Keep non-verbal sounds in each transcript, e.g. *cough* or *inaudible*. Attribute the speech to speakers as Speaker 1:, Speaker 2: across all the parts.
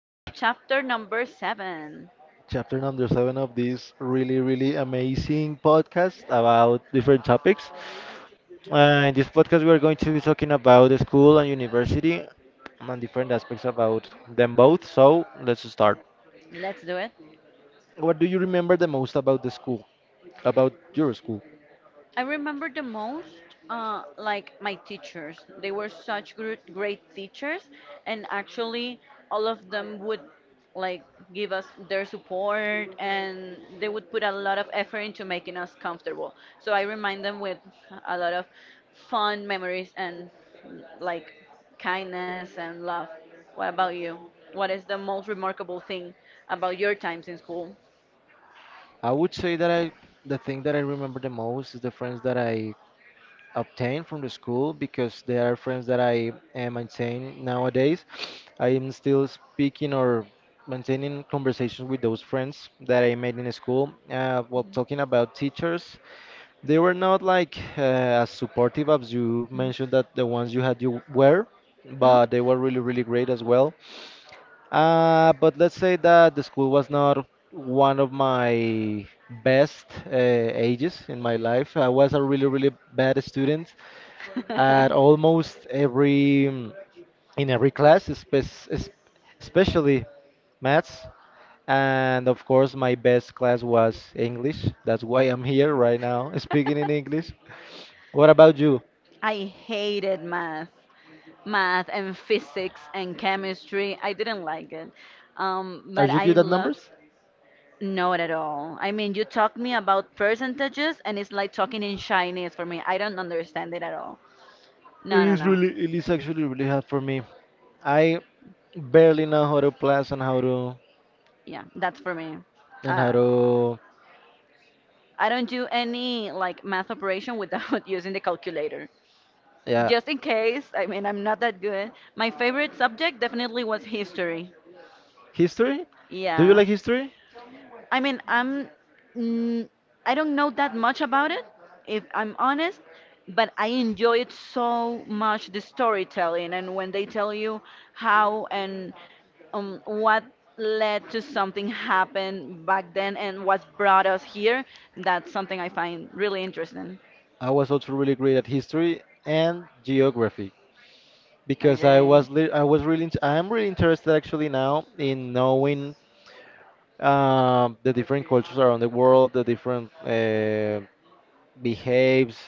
Speaker 1: So, chapter number seven.
Speaker 2: Chapter number seven of this really, really amazing podcast about different topics. In this podcast, we are going to be talking about the school and university and different aspects about them both. So, let's start.
Speaker 1: Let's do it.
Speaker 2: What do you remember the most about the school, about your school?
Speaker 1: I remember the most, like my teachers. They were such great, great teachers, and actually, all of them would like give us their support, and they would put a lot of effort into making us comfortable. So I remind them with a lot of fun memories and like kindness and love. What about you? What is the most remarkable thing about your times in school?
Speaker 2: I would say that the thing that I remember the most is the friends that I obtained from the school because they are friends that I maintain nowadays. I am still speaking or maintaining conversations with those friends that I made in school. Well, talking about teachers, they were not like as supportive as you mentioned that the ones you had you were,
Speaker 1: Hmm?
Speaker 2: but they were really, really great as well. But let's say that the school was not one of my best ages in my life. I was a really, really bad student at
Speaker 1: *laughs*
Speaker 2: almost every mm, in every class, especially maths. And of course, my best class was English. That's why I'm here right now, *laughs* speaking in English.
Speaker 1: *laughs*
Speaker 2: What about you?
Speaker 1: I hated math, and physics and chemistry. I didn't like it,
Speaker 2: Are
Speaker 1: but
Speaker 2: you
Speaker 1: I
Speaker 2: good at
Speaker 1: love
Speaker 2: numbers?
Speaker 1: not at all. I mean, you talk me about percentages, and it's like talking in Chinese for me. I don't understand it at all. No, no, no.
Speaker 2: It is actually really hard for me. I barely know how to plus and how to
Speaker 1: Yeah, that's for me.
Speaker 2: and how
Speaker 1: Uh,
Speaker 2: to
Speaker 1: I don't do any like math operation without *laughs* using the calculator.
Speaker 2: yeah.
Speaker 1: Just in case, I mean, I'm not that good. My favorite subject definitely was history.
Speaker 2: History? Do you
Speaker 1: Yeah.
Speaker 2: like history?
Speaker 1: I mean, mm, I don't know that much about it, if I'm honest, but I enjoy it so much, the storytelling, and when they tell you how and what led to something happen back then and what brought us here, that's something I find really interesting.
Speaker 2: I was also really great at history and geography because I
Speaker 1: Okay.
Speaker 2: was li- I was really int- I'm really interested actually now in knowing the different cultures around the world, the different behaves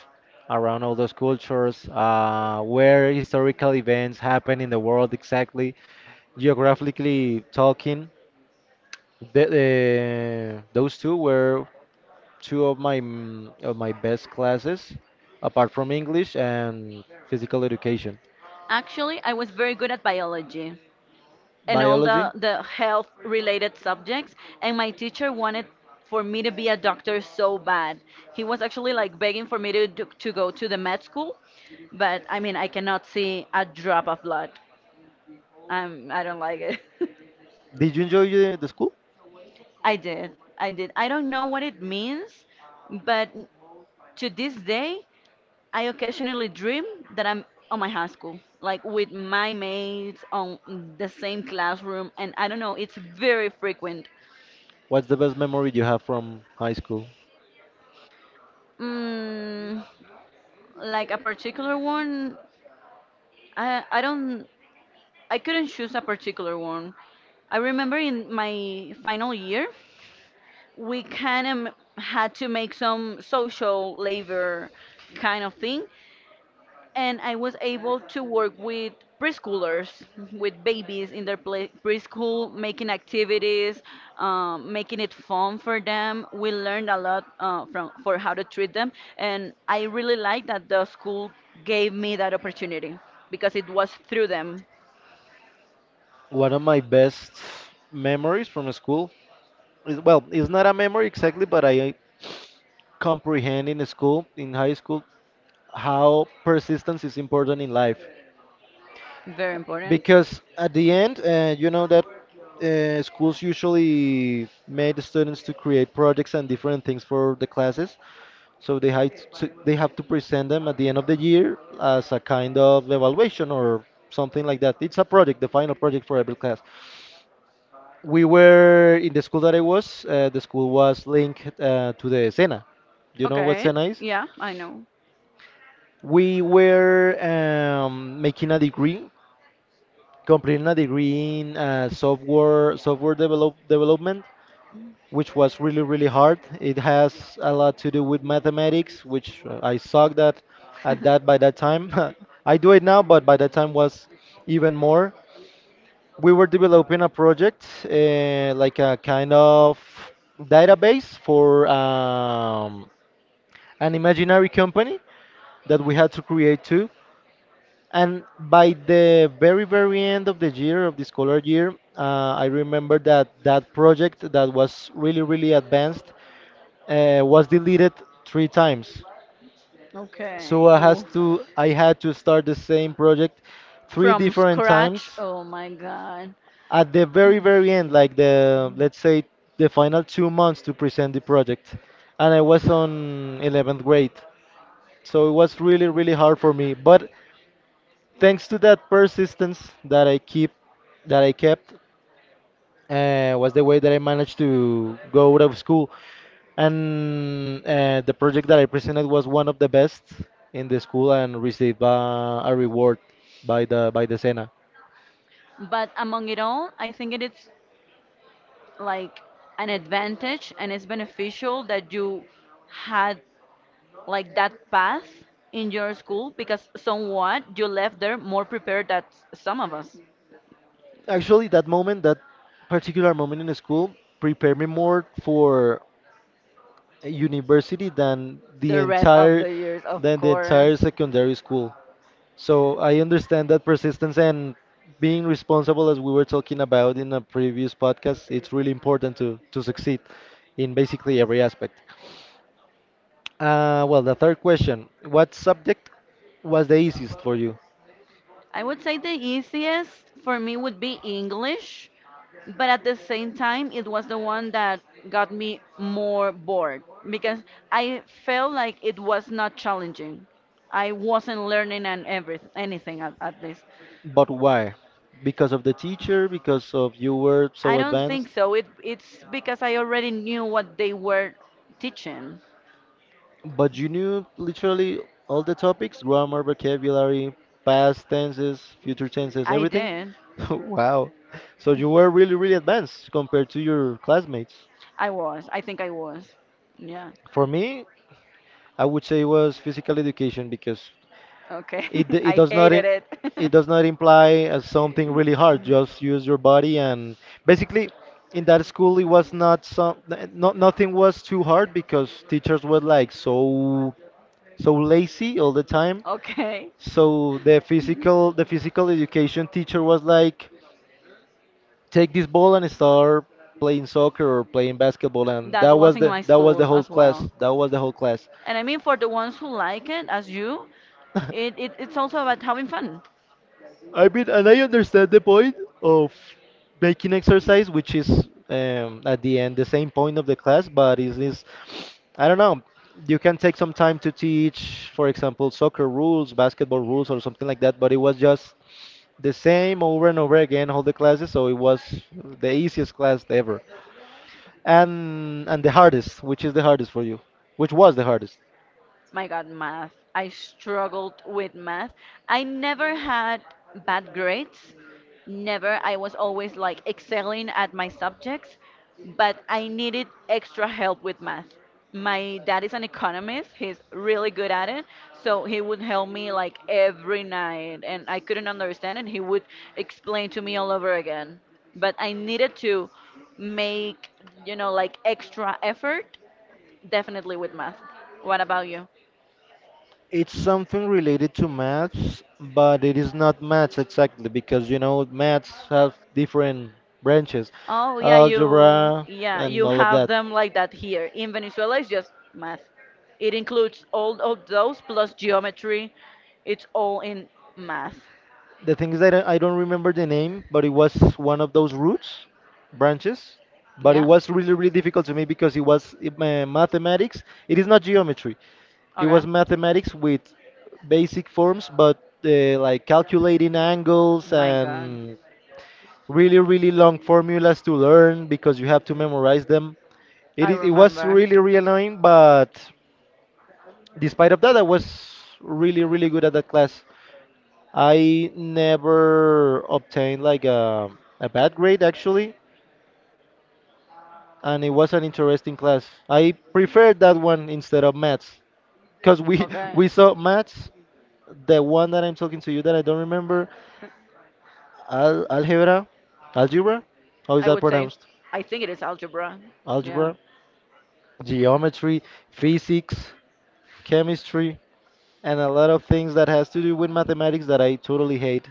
Speaker 2: around all those cultures, where historical events happen in the world exactly, geographically talking. Those two were two of my best classes, apart from English and physical education.
Speaker 1: Actually, I was very good at biology, and all
Speaker 2: Biology.
Speaker 1: the health related subjects, and my teacher wanted for me to be a doctor so bad. He was actually like begging for me to go to the med school, but I mean I cannot see a drop of blood. I don't like it. *laughs*
Speaker 2: Did you enjoy the school?
Speaker 1: i did I did. I don't know what it means, but to this day I occasionally dream that I'm on my high school, like with my mates on the same classroom, and I don't know, it's very frequent.
Speaker 2: What's the best memory you have from high school?
Speaker 1: Mm, like a particular one, I I don't I couldn't choose a particular one. I remember in my final year, we kind of had to make some social labor kind of thing, and I was able to work with preschoolers, with babies in their preschool, making activities, making it fun for them. We learned a lot from for how to treat them, and I really like that the school gave me that opportunity because it was through them.
Speaker 2: One of my best memories from school is well, it's not a memory exactly, but I comprehend in school, in high school, how persistence is important in life.
Speaker 1: Very important.
Speaker 2: Because at the end, you know that schools usually made the students to create projects and different things for the classes. So they have to present them at the end of the year as a kind of evaluation or something like that. It's a project, the final project for every class. We were in the school that I was. The school was linked to the Sena. You know what
Speaker 1: Okay,
Speaker 2: Sena is?
Speaker 1: yeah, I know.
Speaker 2: We were completing a degree in uh, software development which was really, really hard. It
Speaker 1: *laughs*
Speaker 2: has a lot to do with mathematics, which I sucked at that by that time. *laughs* I do it now, but by that time was even more. We were developing a project, like a kind of database for an imaginary company that we had to create too. And by the very, very end of the year, of the scholar year, I remember that that project that was really, really advanced was deleted three times.
Speaker 1: Okay. Oh,
Speaker 2: I had to start the same project three
Speaker 1: from
Speaker 2: different
Speaker 1: scratch.
Speaker 2: times.
Speaker 1: Oh my God.
Speaker 2: At the very, very end, like the, let's say, the final two months to present the project, and I was on 11th grade, so it was really, really hard for me. But thanks to that persistence that I keep, that I kept, was the way that I managed to go out of school. And the project that I presented was one of the best in the school and received a reward by the Sena.
Speaker 1: But among it all, I think it is like an advantage and it's beneficial that you had like that path in your school, because somewhat you left there more prepared than some of us.
Speaker 2: Actually, that moment, that particular moment in the school, prepared me more for university
Speaker 1: The rest of the years, of
Speaker 2: than the
Speaker 1: course.
Speaker 2: entire secondary school. So I understand that persistence and being responsible, as we were talking about in a previous podcast, it's really important to succeed in basically every aspect. The third question: what subject was the easiest for you,
Speaker 1: I would say the easiest for me would be English, but at the same time, it was the one that got me more bored because I felt like it was not challenging. I wasn't learning and every anything at, least.
Speaker 2: but why? Because of the teacher? Because of you were
Speaker 1: I
Speaker 2: so
Speaker 1: don't think
Speaker 2: advanced?
Speaker 1: so. It's because I already knew what they were teaching.
Speaker 2: But you knew literally all the topics, grammar, vocabulary, past tenses, future tenses,
Speaker 1: I
Speaker 2: everything?
Speaker 1: did.
Speaker 2: *laughs* Wow. So you were really, really advanced compared to your classmates.
Speaker 1: I was. I think I was. Yeah.
Speaker 2: For me, I would say it was physical education because
Speaker 1: Okay,
Speaker 2: it, d-
Speaker 1: *laughs*
Speaker 2: it
Speaker 1: I
Speaker 2: does not
Speaker 1: hated
Speaker 2: in,
Speaker 1: it.
Speaker 2: it
Speaker 1: *laughs*
Speaker 2: does not imply as something really hard. Just use your body, and basically in that school it was not not nothing was too hard because teachers were like so so lazy all the time.
Speaker 1: Okay,
Speaker 2: So the physical education teacher was like, take this ball and start playing soccer or playing basketball, and
Speaker 1: that was in my
Speaker 2: that was the
Speaker 1: school
Speaker 2: whole
Speaker 1: as
Speaker 2: class.
Speaker 1: well.
Speaker 2: That was the whole class.
Speaker 1: And I mean, for the ones who like it, as you, it, it
Speaker 2: *laughs*
Speaker 1: it's also about having fun.
Speaker 2: I mean, and I understand the point of making exercise, which is at the end the same point of the class, but it is this, I don't know, you can take some time to teach, for example, soccer rules, basketball rules, or something like that, but it was just the same over and over again, all the classes, so it was the easiest class ever. And the hardest, which is the hardest for you? Which was the hardest?
Speaker 1: My God, math. I struggled with math. I never had bad grades. Never. I was always like excelling at my subjects, but I needed extra help with math. My dad is an economist. He's really good at it. So he would help me like every night and I couldn't understand, and he would explain to me all over again. But I needed to make like extra effort, definitely with math. What about you?
Speaker 2: It's something related to maths, but it is not maths exactly because you know maths have different branches,
Speaker 1: Oh yeah, you
Speaker 2: algebra
Speaker 1: yeah
Speaker 2: and
Speaker 1: you
Speaker 2: all of
Speaker 1: have
Speaker 2: that.
Speaker 1: them like that here in Venezuela. It's just math. It includes all of those plus geometry. It's all in math.
Speaker 2: The thing is that I don't remember the name, but it was one of those roots, branches. But it
Speaker 1: Yeah.
Speaker 2: was really, really difficult to me because mathematics. It is not geometry. It
Speaker 1: Okay.
Speaker 2: was mathematics with basic forms, but like calculating angles
Speaker 1: My God,
Speaker 2: and really, really long formulas to learn because you have to memorize them. it
Speaker 1: I
Speaker 2: is it was
Speaker 1: remember.
Speaker 2: really, really annoying, but despite of that I was really, really good at that class. I never obtained like a bad grade actually, and it was an interesting class. I preferred that one instead of maths because we *laughs*
Speaker 1: Okay.
Speaker 2: we saw maths, the one that I'm talking to you that I don't remember. Al algebra algebra, how is
Speaker 1: I
Speaker 2: that
Speaker 1: would say.
Speaker 2: pronounced?
Speaker 1: I think it is algebra. Yeah.
Speaker 2: Algebra, geometry, physics, chemistry, and a lot of things that has to do with mathematics that I totally hate.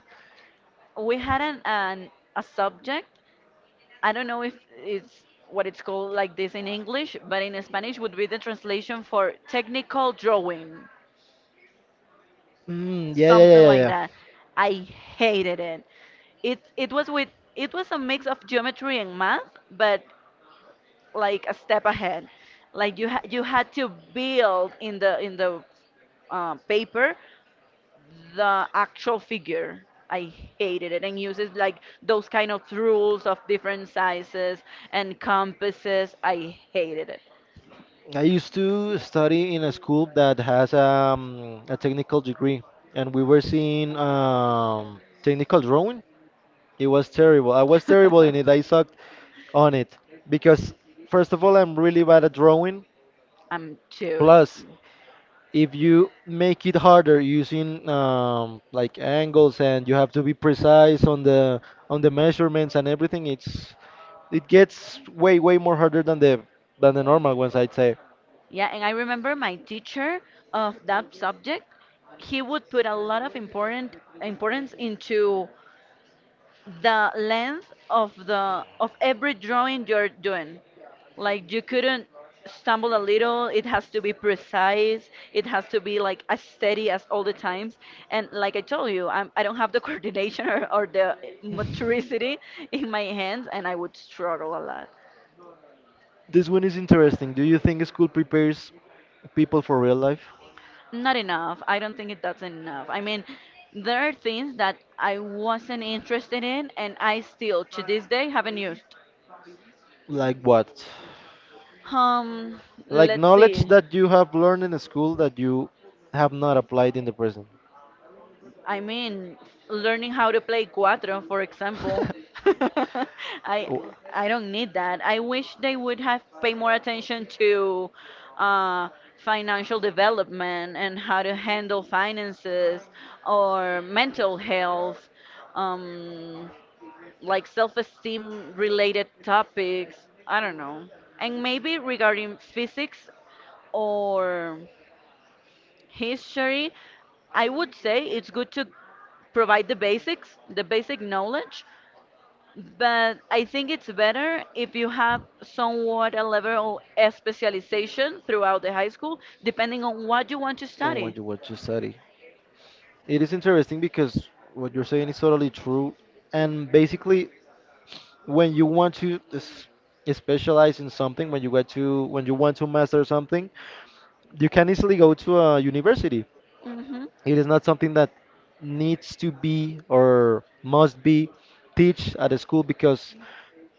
Speaker 1: We had an, a subject. I don't know if it's what it's called like this in English, but in Spanish would be the translation for technical drawing,
Speaker 2: Mm, yeah, yeah,
Speaker 1: something
Speaker 2: yeah, yeah,
Speaker 1: like
Speaker 2: yeah.
Speaker 1: that. I hated it. It was with it was a mix of geometry and math, but like a step ahead. Like you had to build in the paper the actual figure. I hated it and uses like those kind of rules of different sizes and compasses. I hated it.
Speaker 2: I used to study in a school that has a technical degree, and we were seeing technical drawing. It was terrible. I was terrible in it.
Speaker 1: *laughs*
Speaker 2: I sucked on it because, first of all, I'm really bad at drawing.
Speaker 1: I'm too.
Speaker 2: Plus, if you make it harder using like angles and you have to be precise on the measurements and everything, it's, it gets way way more harder than the normal ones I'd say.
Speaker 1: Yeah, and I remember my teacher of that subject, he would put a lot of important importance into the length of every drawing you're doing. Like you couldn't stumble a little, it has to be precise, it has to be like as steady as all the times. And like I told you, I don't have the *laughs* coordination, or the motoricity in my hands, and I would struggle a lot.
Speaker 2: This one is interesting: do you think school prepares people for real life?
Speaker 1: Not enough. I don't think it that's enough. I mean, there are things that I wasn't interested in and I still to this day haven't used.
Speaker 2: Like what?
Speaker 1: Um,
Speaker 2: Like
Speaker 1: let's
Speaker 2: knowledge
Speaker 1: see.
Speaker 2: that you have learned in school that you have not applied in the present?
Speaker 1: I mean, learning how to play cuatro, for example. *laughs* I I don't need that. I wish they
Speaker 2: *laughs*
Speaker 1: would have paid more attention to uh, financial development and how to handle finances, or mental health. Um, like self-esteem related topics. I don't know. And maybe regarding physics or history, I would say it's good to provide the basics, the basic knowledge, but I think it's better if you have somewhat a level of specialization throughout the high school, depending on
Speaker 2: And
Speaker 1: what you want to
Speaker 2: what
Speaker 1: study.
Speaker 2: you want to study. It is interesting because what you're saying is totally true. And basically, when you want to specialize in something, when you get to when you want to master something, you can easily go to a university.
Speaker 1: Hmm.
Speaker 2: It is not something that needs to be or must be teach at a school because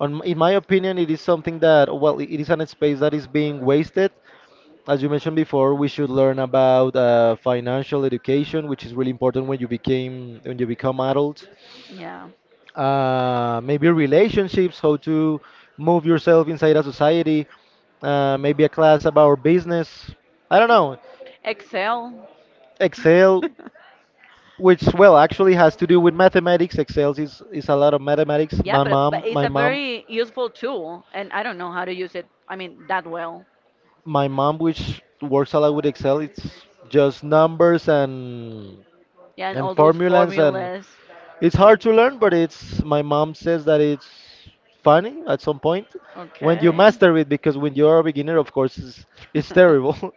Speaker 2: in my opinion, it is something that, well, it is an space that is being wasted. As you mentioned before, we should learn about financial education, which is really important when you become adult.
Speaker 1: Yeah.
Speaker 2: Maybe relationships, how to move yourself inside a society. Maybe a class about business. I don't know.
Speaker 1: Excel.
Speaker 2: Excel,
Speaker 1: *laughs*
Speaker 2: which well actually has to do with mathematics. Excel is a lot of mathematics.
Speaker 1: Yeah,
Speaker 2: My
Speaker 1: but
Speaker 2: mom,
Speaker 1: it's
Speaker 2: my
Speaker 1: a
Speaker 2: mom,
Speaker 1: very useful tool, and I don't know how to use it. I mean that well.
Speaker 2: my mom, which works a lot with Excel, it's just numbers
Speaker 1: Yeah, and
Speaker 2: and
Speaker 1: all those
Speaker 2: formulas, and
Speaker 1: formulas.
Speaker 2: it's hard to learn, but it's my mom says that it's funny at some point when you
Speaker 1: Okay.
Speaker 2: master it, because when you're a beginner, of course, it's
Speaker 1: *laughs*
Speaker 2: terrible. *laughs*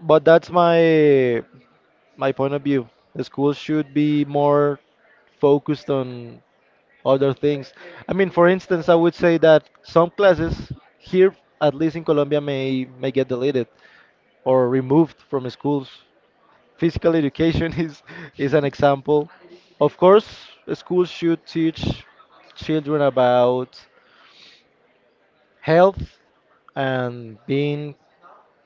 Speaker 2: But that's my my point of view. The school should be more focused on other things. I mean, for instance, I would say that some classes here, at least in Colombia, may get deleted or removed from schools. Physical education *laughs* is an example. Of course, schools should teach children about health and being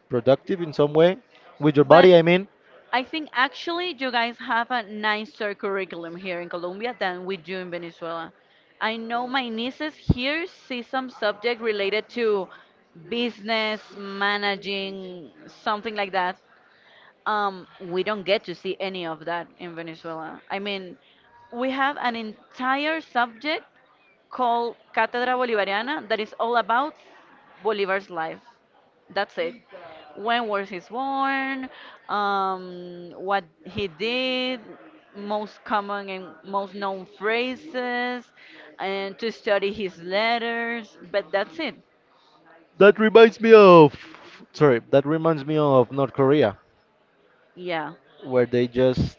Speaker 2: productive in some way with your
Speaker 1: But
Speaker 2: body. I mean,
Speaker 1: I think actually you guys have a nicer curriculum here in Colombia than we do in Venezuela. I know my nieces here see some subject related to business managing, something like that. We don't get to see any of that in Venezuela. I mean, we have an entire subject called Cátedra Bolivariana that is all about Bolivar's life. That's it. When was he born? What he did? Most common and most known phrases, and to study his letters. But that's it.
Speaker 2: that reminds me of sorry, that reminds me of North Korea,
Speaker 1: Yeah,
Speaker 2: where they just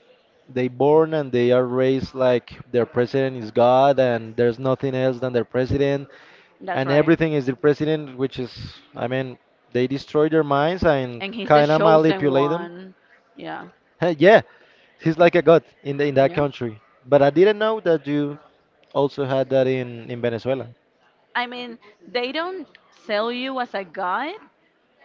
Speaker 2: they born and they are raised like their president is God, and there's nothing else than their president,
Speaker 1: that's
Speaker 2: and
Speaker 1: right.
Speaker 2: everything is the president, which is, I mean, they destroy their minds and
Speaker 1: And he's the
Speaker 2: kind of
Speaker 1: chosen
Speaker 2: manipulate them.
Speaker 1: one. Yeah,
Speaker 2: *laughs* Yeah, he's like a god in the, in that
Speaker 1: yeah.
Speaker 2: country. But I didn't know that you also had that in Venezuela.
Speaker 1: I mean, they don't sell you as a guide,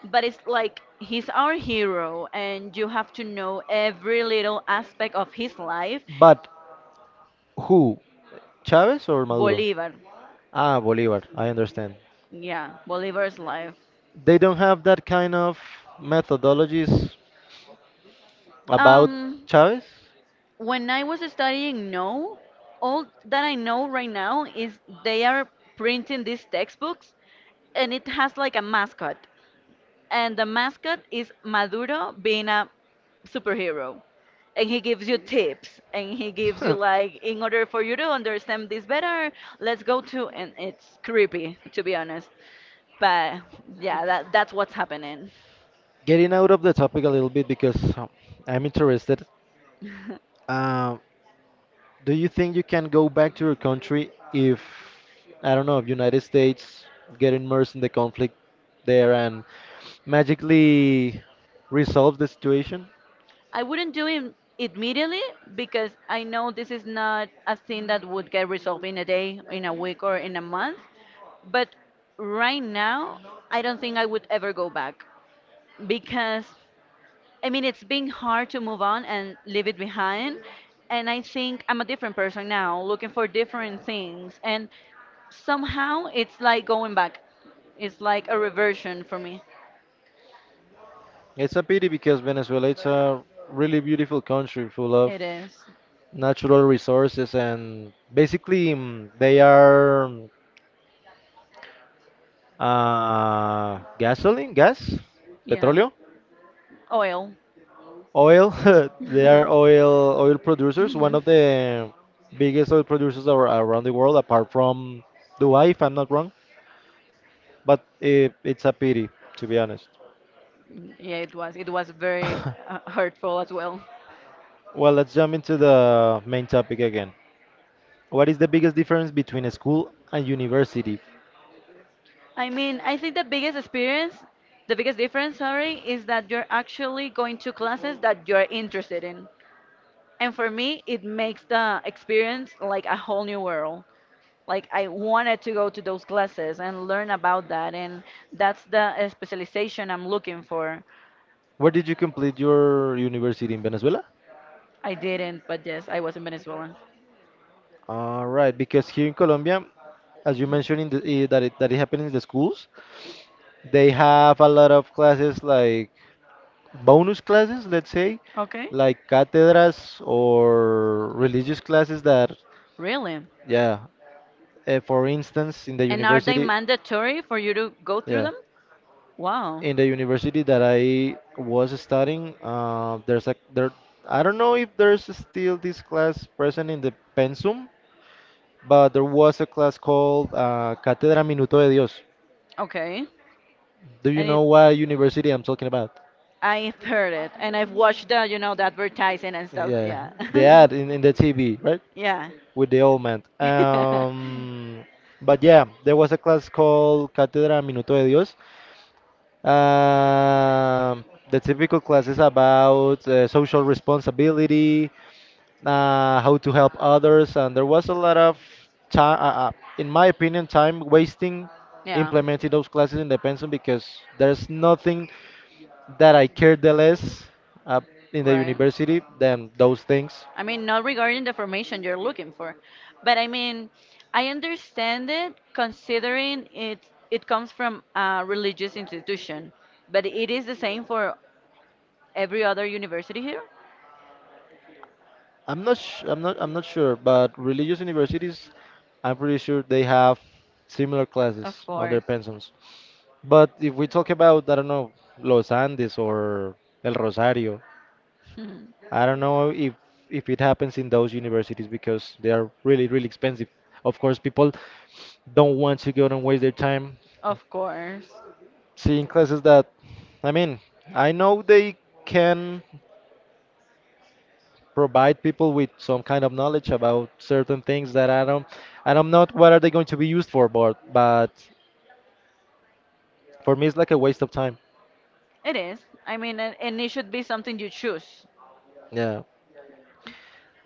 Speaker 1: but it's like he's our hero, and you have to know every little aspect of his life.
Speaker 2: But who? Chavez or Maduro?
Speaker 1: Bolivar,
Speaker 2: Ah, Bolivar. I understand.
Speaker 1: yeah, Bolivar's life.
Speaker 2: They don't have that kind of methodologies about
Speaker 1: Um,
Speaker 2: Chavez.
Speaker 1: when I was studying, no, all that I know right now is they are printing these textbooks, and it has like a mascot, and the mascot is Maduro being a superhero. And he gives you tips, and he gives you like,
Speaker 2: *laughs*
Speaker 1: in order for you to understand this better, let's go to, and it's creepy to be honest. But yeah, that's what's happening.
Speaker 2: Getting out of the topic a little bit because I'm interested.
Speaker 1: *laughs*
Speaker 2: Uh, do you think you can go back to your country if I don't know, if United States get immersed in the conflict there and magically resolve the situation?
Speaker 1: I wouldn't do it immediately because I know this is not a thing that would get resolved in a day, in a week, or in a month. But right now, I don't think I would ever go back, because I mean, it's been hard to move on and leave it behind. And I think I'm a different person now, looking for different things. And somehow it's like going back. It's like a reversion for me.
Speaker 2: It's a pity because Venezuela it's a really beautiful country full of
Speaker 1: It is.
Speaker 2: natural resources and basically they are gasoline, gas,
Speaker 1: Yeah.
Speaker 2: petróleo,
Speaker 1: Oil.
Speaker 2: oil. *laughs* They are
Speaker 1: *laughs*
Speaker 2: oil producers, one
Speaker 1: Mhm.
Speaker 2: of the biggest oil producers around the world apart from Dubai if I'm not wrong, but it's a pity to be honest.
Speaker 1: Yeah, it was. It was very
Speaker 2: *laughs*
Speaker 1: hurtful as well.
Speaker 2: Well, let's jump into the main topic again. What is the biggest difference between a school and university?
Speaker 1: I mean, I think the biggest experience, the biggest difference, sorry, is that you're actually going to classes that you're interested in. And for me, it makes the experience like a whole new world. Like I wanted to go to those classes and learn about that, and that's the specialization I'm looking for.
Speaker 2: Where did you complete your university in Venezuela?
Speaker 1: I didn't, but yes, I was in Venezuela.
Speaker 2: All right, because here in Colombia, as you mentioned in the, that it happened in the schools, they have a lot of classes like bonus classes, let's say,
Speaker 1: Okay,
Speaker 2: like catedras or religious classes that,
Speaker 1: really?
Speaker 2: yeah, for instance, in the
Speaker 1: And are they
Speaker 2: university,
Speaker 1: mandatory for you to go through
Speaker 2: yeah.
Speaker 1: them? Wow.
Speaker 2: In the university that I was studying, there's a there. I don't know if there's still this class present in the pensum, but there was a class called Cátedra Minuto de Dios.
Speaker 1: Okay.
Speaker 2: Do you
Speaker 1: And
Speaker 2: know
Speaker 1: it,
Speaker 2: what university I'm talking about?
Speaker 1: I've heard it, and I've watched the advertising and stuff.
Speaker 2: Yeah,
Speaker 1: Yeah.
Speaker 2: the
Speaker 1: *laughs*
Speaker 2: ad in the TV, right?
Speaker 1: Yeah.
Speaker 2: With the old man.
Speaker 1: *laughs*
Speaker 2: But yeah, there was a class called Cátedra Minuto de Dios. Um, the typical class is about social responsibility, how to help others, and there was a lot of time, in my opinion, time wasting
Speaker 1: Yeah.
Speaker 2: implementing those classes in the pension because there's nothing that I care the less uh, in the
Speaker 1: Right.
Speaker 2: university than those things.
Speaker 1: I mean, not regarding the formation you're looking for, but I mean, I understand it, considering it it comes from a religious institution, but it is the same for every other university here. Sure.
Speaker 2: I'm not sure, but religious universities, I'm pretty sure they have similar
Speaker 1: Of
Speaker 2: classes on their
Speaker 1: course. *laughs*
Speaker 2: pensions. But if we talk about, I don't know, Los Andes or El Rosario,
Speaker 1: Hmm.
Speaker 2: I don't know if it happens in those universities because they are really, really expensive. Of course, people don't want to go and waste their time
Speaker 1: Of course.
Speaker 2: seeing classes that, I mean, I know they can provide people with some kind of knowledge about certain things that I don't know what are they going to be used for, but for me it's like a waste of time.
Speaker 1: Can't. Is. I mean, and, it should be something you choose.
Speaker 2: Yeah.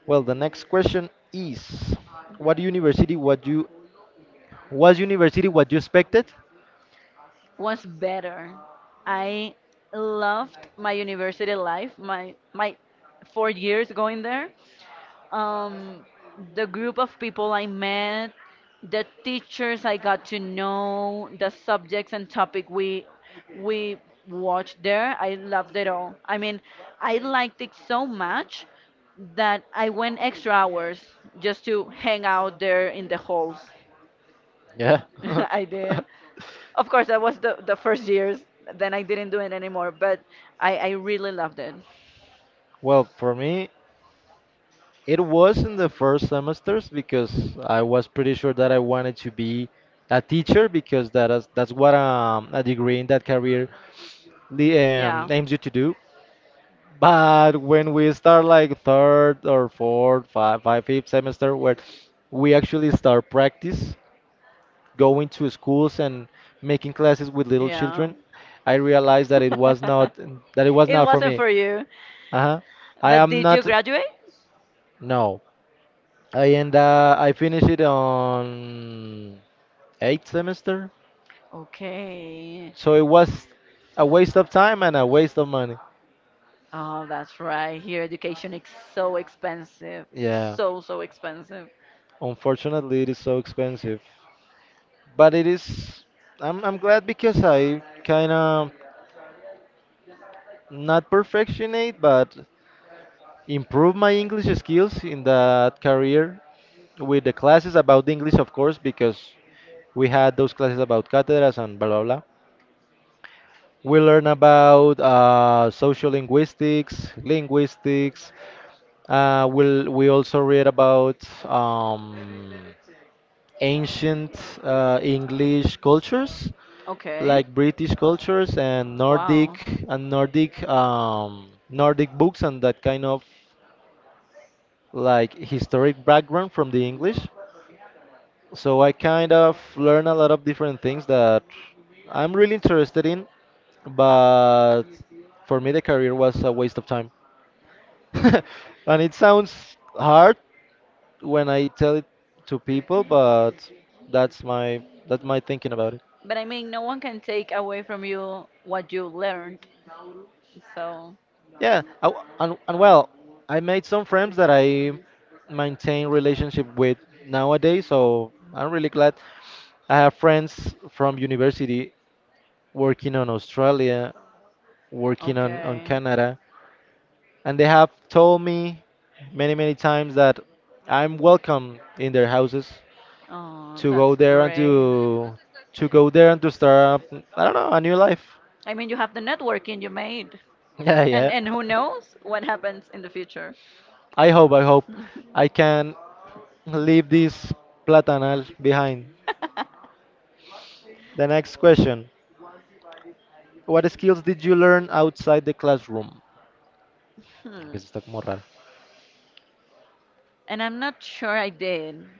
Speaker 2: Well, the next question is, what university what you was university what you expected?
Speaker 1: What's better? I loved my university life, my 4 years going there. um, the group of people I met, the teachers I got to know, the subjects and topic we watched there. I loved it all. I mean, I liked it so much that I went extra hours just to hang out there in the halls.
Speaker 2: Yeah. *laughs*
Speaker 1: *laughs* I did. Of course, that was the first years. Then I didn't do it anymore, but I really loved it.
Speaker 2: Well, for me, it was in the first semesters because I was pretty sure that I wanted to be a teacher because that's what a degree in that career
Speaker 1: Yeah.
Speaker 2: aims you to do. But when we start like third or fourth, fifth semester, where we actually start practice, going to schools and making classes with little
Speaker 1: Yeah.
Speaker 2: children, I realized that it was not
Speaker 1: *laughs* It
Speaker 2: for
Speaker 1: wasn't
Speaker 2: me.
Speaker 1: for you.
Speaker 2: Uh-huh. I
Speaker 1: But
Speaker 2: am
Speaker 1: did you
Speaker 2: not
Speaker 1: graduate?
Speaker 2: no. I end I finished it on eighth semester.
Speaker 1: Okay.
Speaker 2: So it was a waste of time and a waste of money.
Speaker 1: Oh, that's right. Here, education is so expensive.
Speaker 2: Yeah.
Speaker 1: So, so expensive.
Speaker 2: Unfortunately, it is so expensive. But it is I'm glad because I kind of not perfectionate, but improve my English skills in that career with the classes about English, of course, because we had those classes about catedras and blah blah blah. We learn about social linguistics, linguistics. We'll, we also read about um, ancient English cultures,
Speaker 1: Okay.
Speaker 2: like British cultures
Speaker 1: Wow.
Speaker 2: and Nordic Nordic books and that kind of like historic background from the English. So I kind of learn a lot of different things that I'm really interested in, but for me the career was a waste of time. *laughs* And it sounds hard when I tell it to people, but that's my thinking about it.
Speaker 1: But I mean, no one can take away from you what you learned. So,
Speaker 2: Yeah, I w and well, I made some friends that I maintain relationship with nowadays, so I'm really glad. I have friends from university working on Australia, working on
Speaker 1: okay.
Speaker 2: Canada, and they have told me many, many times that I'm welcome in their houses
Speaker 1: Oh,
Speaker 2: to go
Speaker 1: that's
Speaker 2: there and
Speaker 1: great.
Speaker 2: to go there and to start up, I don't know, a new life. *laughs*
Speaker 1: I mean, you have the networking you made,
Speaker 2: Yeah,
Speaker 1: and
Speaker 2: yeah.
Speaker 1: and who knows what happens in the future.
Speaker 2: I hope, I hope I
Speaker 1: *laughs*
Speaker 2: can leave this platanal behind. The next question. What skills did you learn outside the classroom?
Speaker 1: Hmm.
Speaker 2: Que eso está como raro.
Speaker 1: And I'm not sure I did.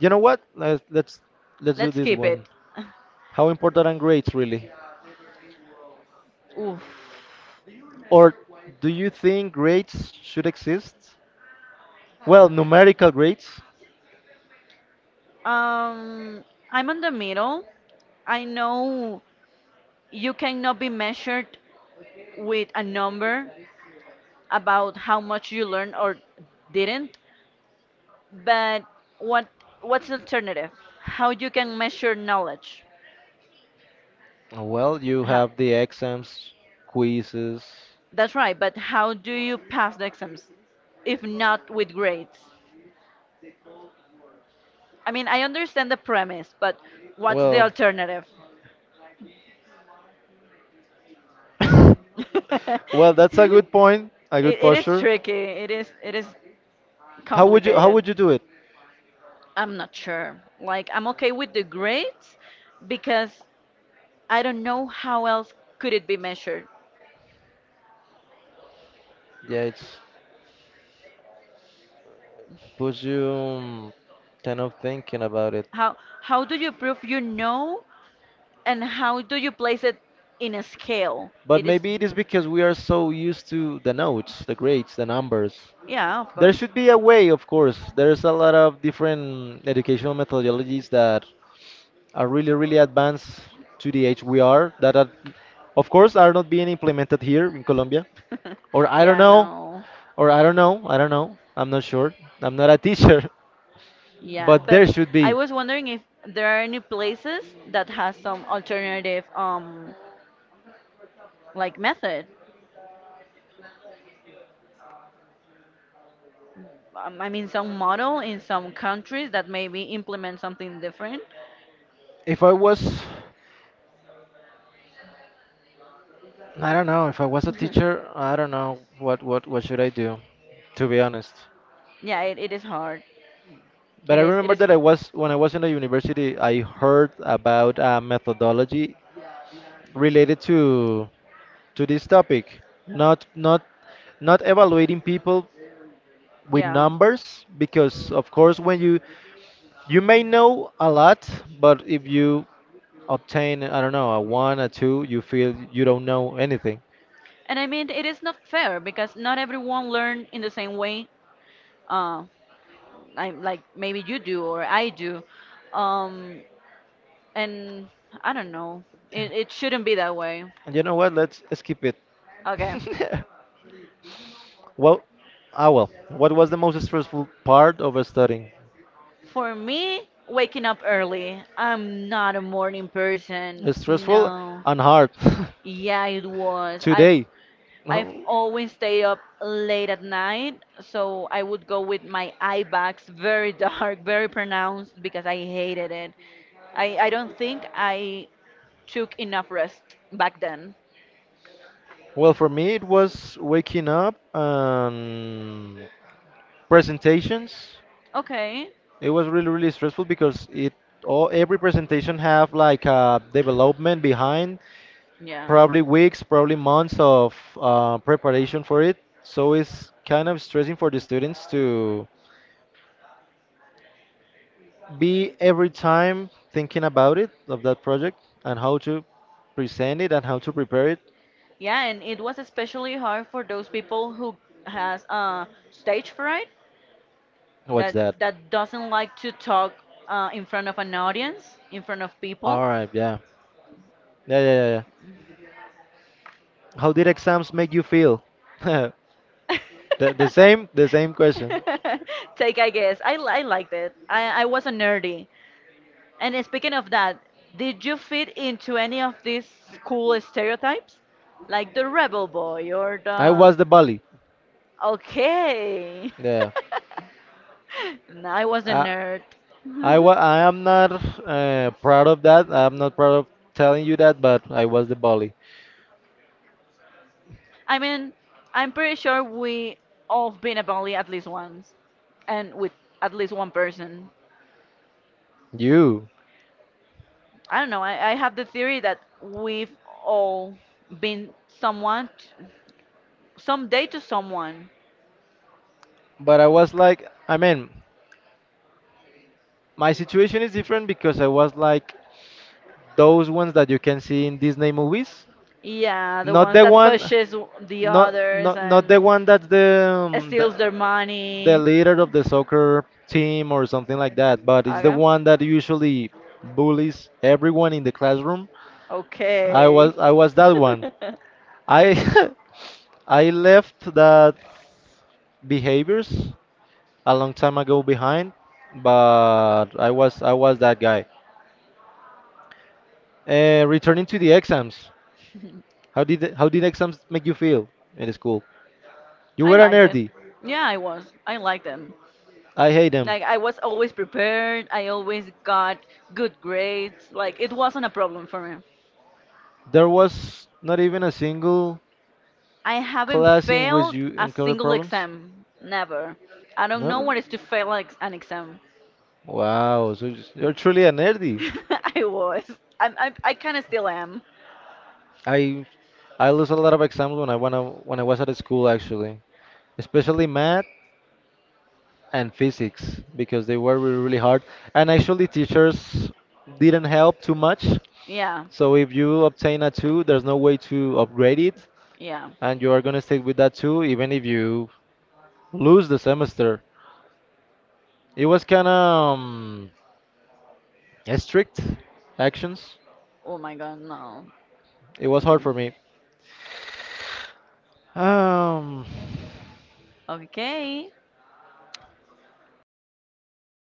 Speaker 2: You know what? Let's do
Speaker 1: Let's
Speaker 2: this
Speaker 1: keep it.
Speaker 2: one.
Speaker 1: *laughs*
Speaker 2: How important are grades really?
Speaker 1: Oof.
Speaker 2: Or do you think grades should exist? Well, numerical grades.
Speaker 1: Um, I'm on the middle. I know you cannot be measured with a number about how much you learn or didn't, but what what's the alternative? How you can measure knowledge?
Speaker 2: Well, you
Speaker 1: How,
Speaker 2: have the exams, quizzes.
Speaker 1: that's right, but how do you pass the exams if not with grades? I mean, I understand the premise, but what's the
Speaker 2: Well,
Speaker 1: alternative?
Speaker 2: *laughs* well,
Speaker 1: *laughs*
Speaker 2: that's a
Speaker 1: it,
Speaker 2: good point. A good
Speaker 1: it is
Speaker 2: posture.
Speaker 1: tricky. It is
Speaker 2: How would
Speaker 1: complicated.
Speaker 2: you do it?
Speaker 1: I'm not sure. Like I'm okay with the grades because I don't know how else could it be measured.
Speaker 2: Yeah, it's puts you kind of thinking about it.
Speaker 1: How how do you prove you know, and how do you place it in a scale?
Speaker 2: But
Speaker 1: It is,
Speaker 2: maybe it is because we are so used to the notes, the grades, the numbers.
Speaker 1: yeah, of
Speaker 2: There
Speaker 1: course.
Speaker 2: should be a way, of course. There's a lot of different educational methodologies that are really, really advanced to the age we are, that are, of course, are not being implemented here in Colombia. Or
Speaker 1: *laughs*
Speaker 2: I don't
Speaker 1: Yeah,
Speaker 2: know,
Speaker 1: no.
Speaker 2: or I don't know, I'm not sure. I'm not a teacher, *laughs*
Speaker 1: Yeah,
Speaker 2: but
Speaker 1: but
Speaker 2: there should
Speaker 1: I
Speaker 2: be.
Speaker 1: was wondering if there are any places that has some alternative like method. I mean some model in some countries that maybe implement something different.
Speaker 2: If I was, I don't know, if I was a
Speaker 1: *laughs*
Speaker 2: teacher, I don't know what should I do, to be honest.
Speaker 1: Yeah, it is hard.
Speaker 2: But
Speaker 1: It
Speaker 2: I
Speaker 1: is it
Speaker 2: remember
Speaker 1: is
Speaker 2: that I was when I was in the university, I heard about a methodology related to this topic, not not not evaluating people with
Speaker 1: yeah.
Speaker 2: numbers because of course when you may know a lot, but if you obtain I don't know a one a two, you feel you don't know anything.
Speaker 1: And I mean it is not fair because not everyone learn in the same way, uh I like maybe you do or I do. Um and I don't know. It shouldn't be that way.
Speaker 2: And you know what? Let's skip it.
Speaker 1: Okay.
Speaker 2: *laughs* Well, well. What was the most stressful part of studying?
Speaker 1: For me, waking up early. I'm not a morning person.
Speaker 2: It's stressful
Speaker 1: No.
Speaker 2: and hard
Speaker 1: Yeah, it
Speaker 2: *laughs*
Speaker 1: was. I've
Speaker 2: today.
Speaker 1: I've
Speaker 2: No.
Speaker 1: always stayed up late at night, so I would go with my eye bags very dark, *laughs* very pronounced because I hated it. I don't think I took enough rest back then.
Speaker 2: Well, for me, it was waking up and presentations.
Speaker 1: Okay.
Speaker 2: It was really, really stressful because it all every presentation have like a development behind
Speaker 1: Yeah.
Speaker 2: probably weeks, probably months of preparation for it. So it's kind of stressing for the students to be every time thinking about it, of that project, and how to present it and how to prepare it.
Speaker 1: Yeah, and it was especially hard for those people who has stage fright,
Speaker 2: What's
Speaker 1: that
Speaker 2: that?
Speaker 1: that doesn't like to talk in front of an audience, in front of people.
Speaker 2: All right, yeah. Yeah, yeah, yeah, yeah. How did exams make you feel? *laughs* the,
Speaker 1: *laughs*
Speaker 2: the same question.
Speaker 1: Take, I guess. I liked it. I was a nerdy. And speaking of that, did you fit into any of these cool stereotypes? Like the
Speaker 2: *laughs*
Speaker 1: rebel boy or
Speaker 2: I
Speaker 1: the.
Speaker 2: was the bully.
Speaker 1: Okay.
Speaker 2: Yeah.
Speaker 1: *laughs* No, I was a
Speaker 2: I
Speaker 1: nerd.
Speaker 2: I am not proud of that. I'm not proud of telling you that, but I was the bully.
Speaker 1: I mean, I'm pretty sure we all been a bully at least once. And with at least one person.
Speaker 2: You.
Speaker 1: I don't know. I have the theory that we've all been someone, someday to someone.
Speaker 2: But I was like, I mean, my situation is different because I was like those ones that you can see in Disney movies.
Speaker 1: Yeah, the
Speaker 2: Not
Speaker 1: ones
Speaker 2: the
Speaker 1: that
Speaker 2: one,
Speaker 1: pushes the others
Speaker 2: not the
Speaker 1: and
Speaker 2: one that's the,
Speaker 1: steals their
Speaker 2: the
Speaker 1: money.
Speaker 2: leader of the soccer team or something like that, but it's the
Speaker 1: Okay.
Speaker 2: one that usually bullies everyone in the classroom. I
Speaker 1: Okay.
Speaker 2: was that one. I *laughs* I left that behaviors a long time ago behind, but I was that guy. Returning to the exams,
Speaker 1: *laughs*
Speaker 2: how did exams make you feel in school? You
Speaker 1: I
Speaker 2: were an
Speaker 1: liked it.
Speaker 2: nerdy.
Speaker 1: Yeah, I was. I liked them.
Speaker 2: I hate them.
Speaker 1: Like I was always prepared. I always got good grades. Like it wasn't a problem for me.
Speaker 2: There was not even a single
Speaker 1: I haven't
Speaker 2: class in which
Speaker 1: failed
Speaker 2: you
Speaker 1: a
Speaker 2: encounter
Speaker 1: single
Speaker 2: problems?
Speaker 1: exam. Never. I don't know
Speaker 2: No.
Speaker 1: what it is to fail an exam.
Speaker 2: Wow, so you're truly a nerdy.
Speaker 1: *laughs* I was. I kind of still am.
Speaker 2: I I lose a lot of exams when I when I was at school actually, especially math and physics because they were really, really hard. And actually, teachers didn't help too much.
Speaker 1: Yeah.
Speaker 2: So if you obtain a two, there's no way to upgrade it,
Speaker 1: Yeah.
Speaker 2: and you are gonna stay with that two even if you lose the semester. It was kind of strict actions.
Speaker 1: Oh my God, no.
Speaker 2: It was hard
Speaker 1: Mm.
Speaker 2: for me. Um,
Speaker 1: Okay.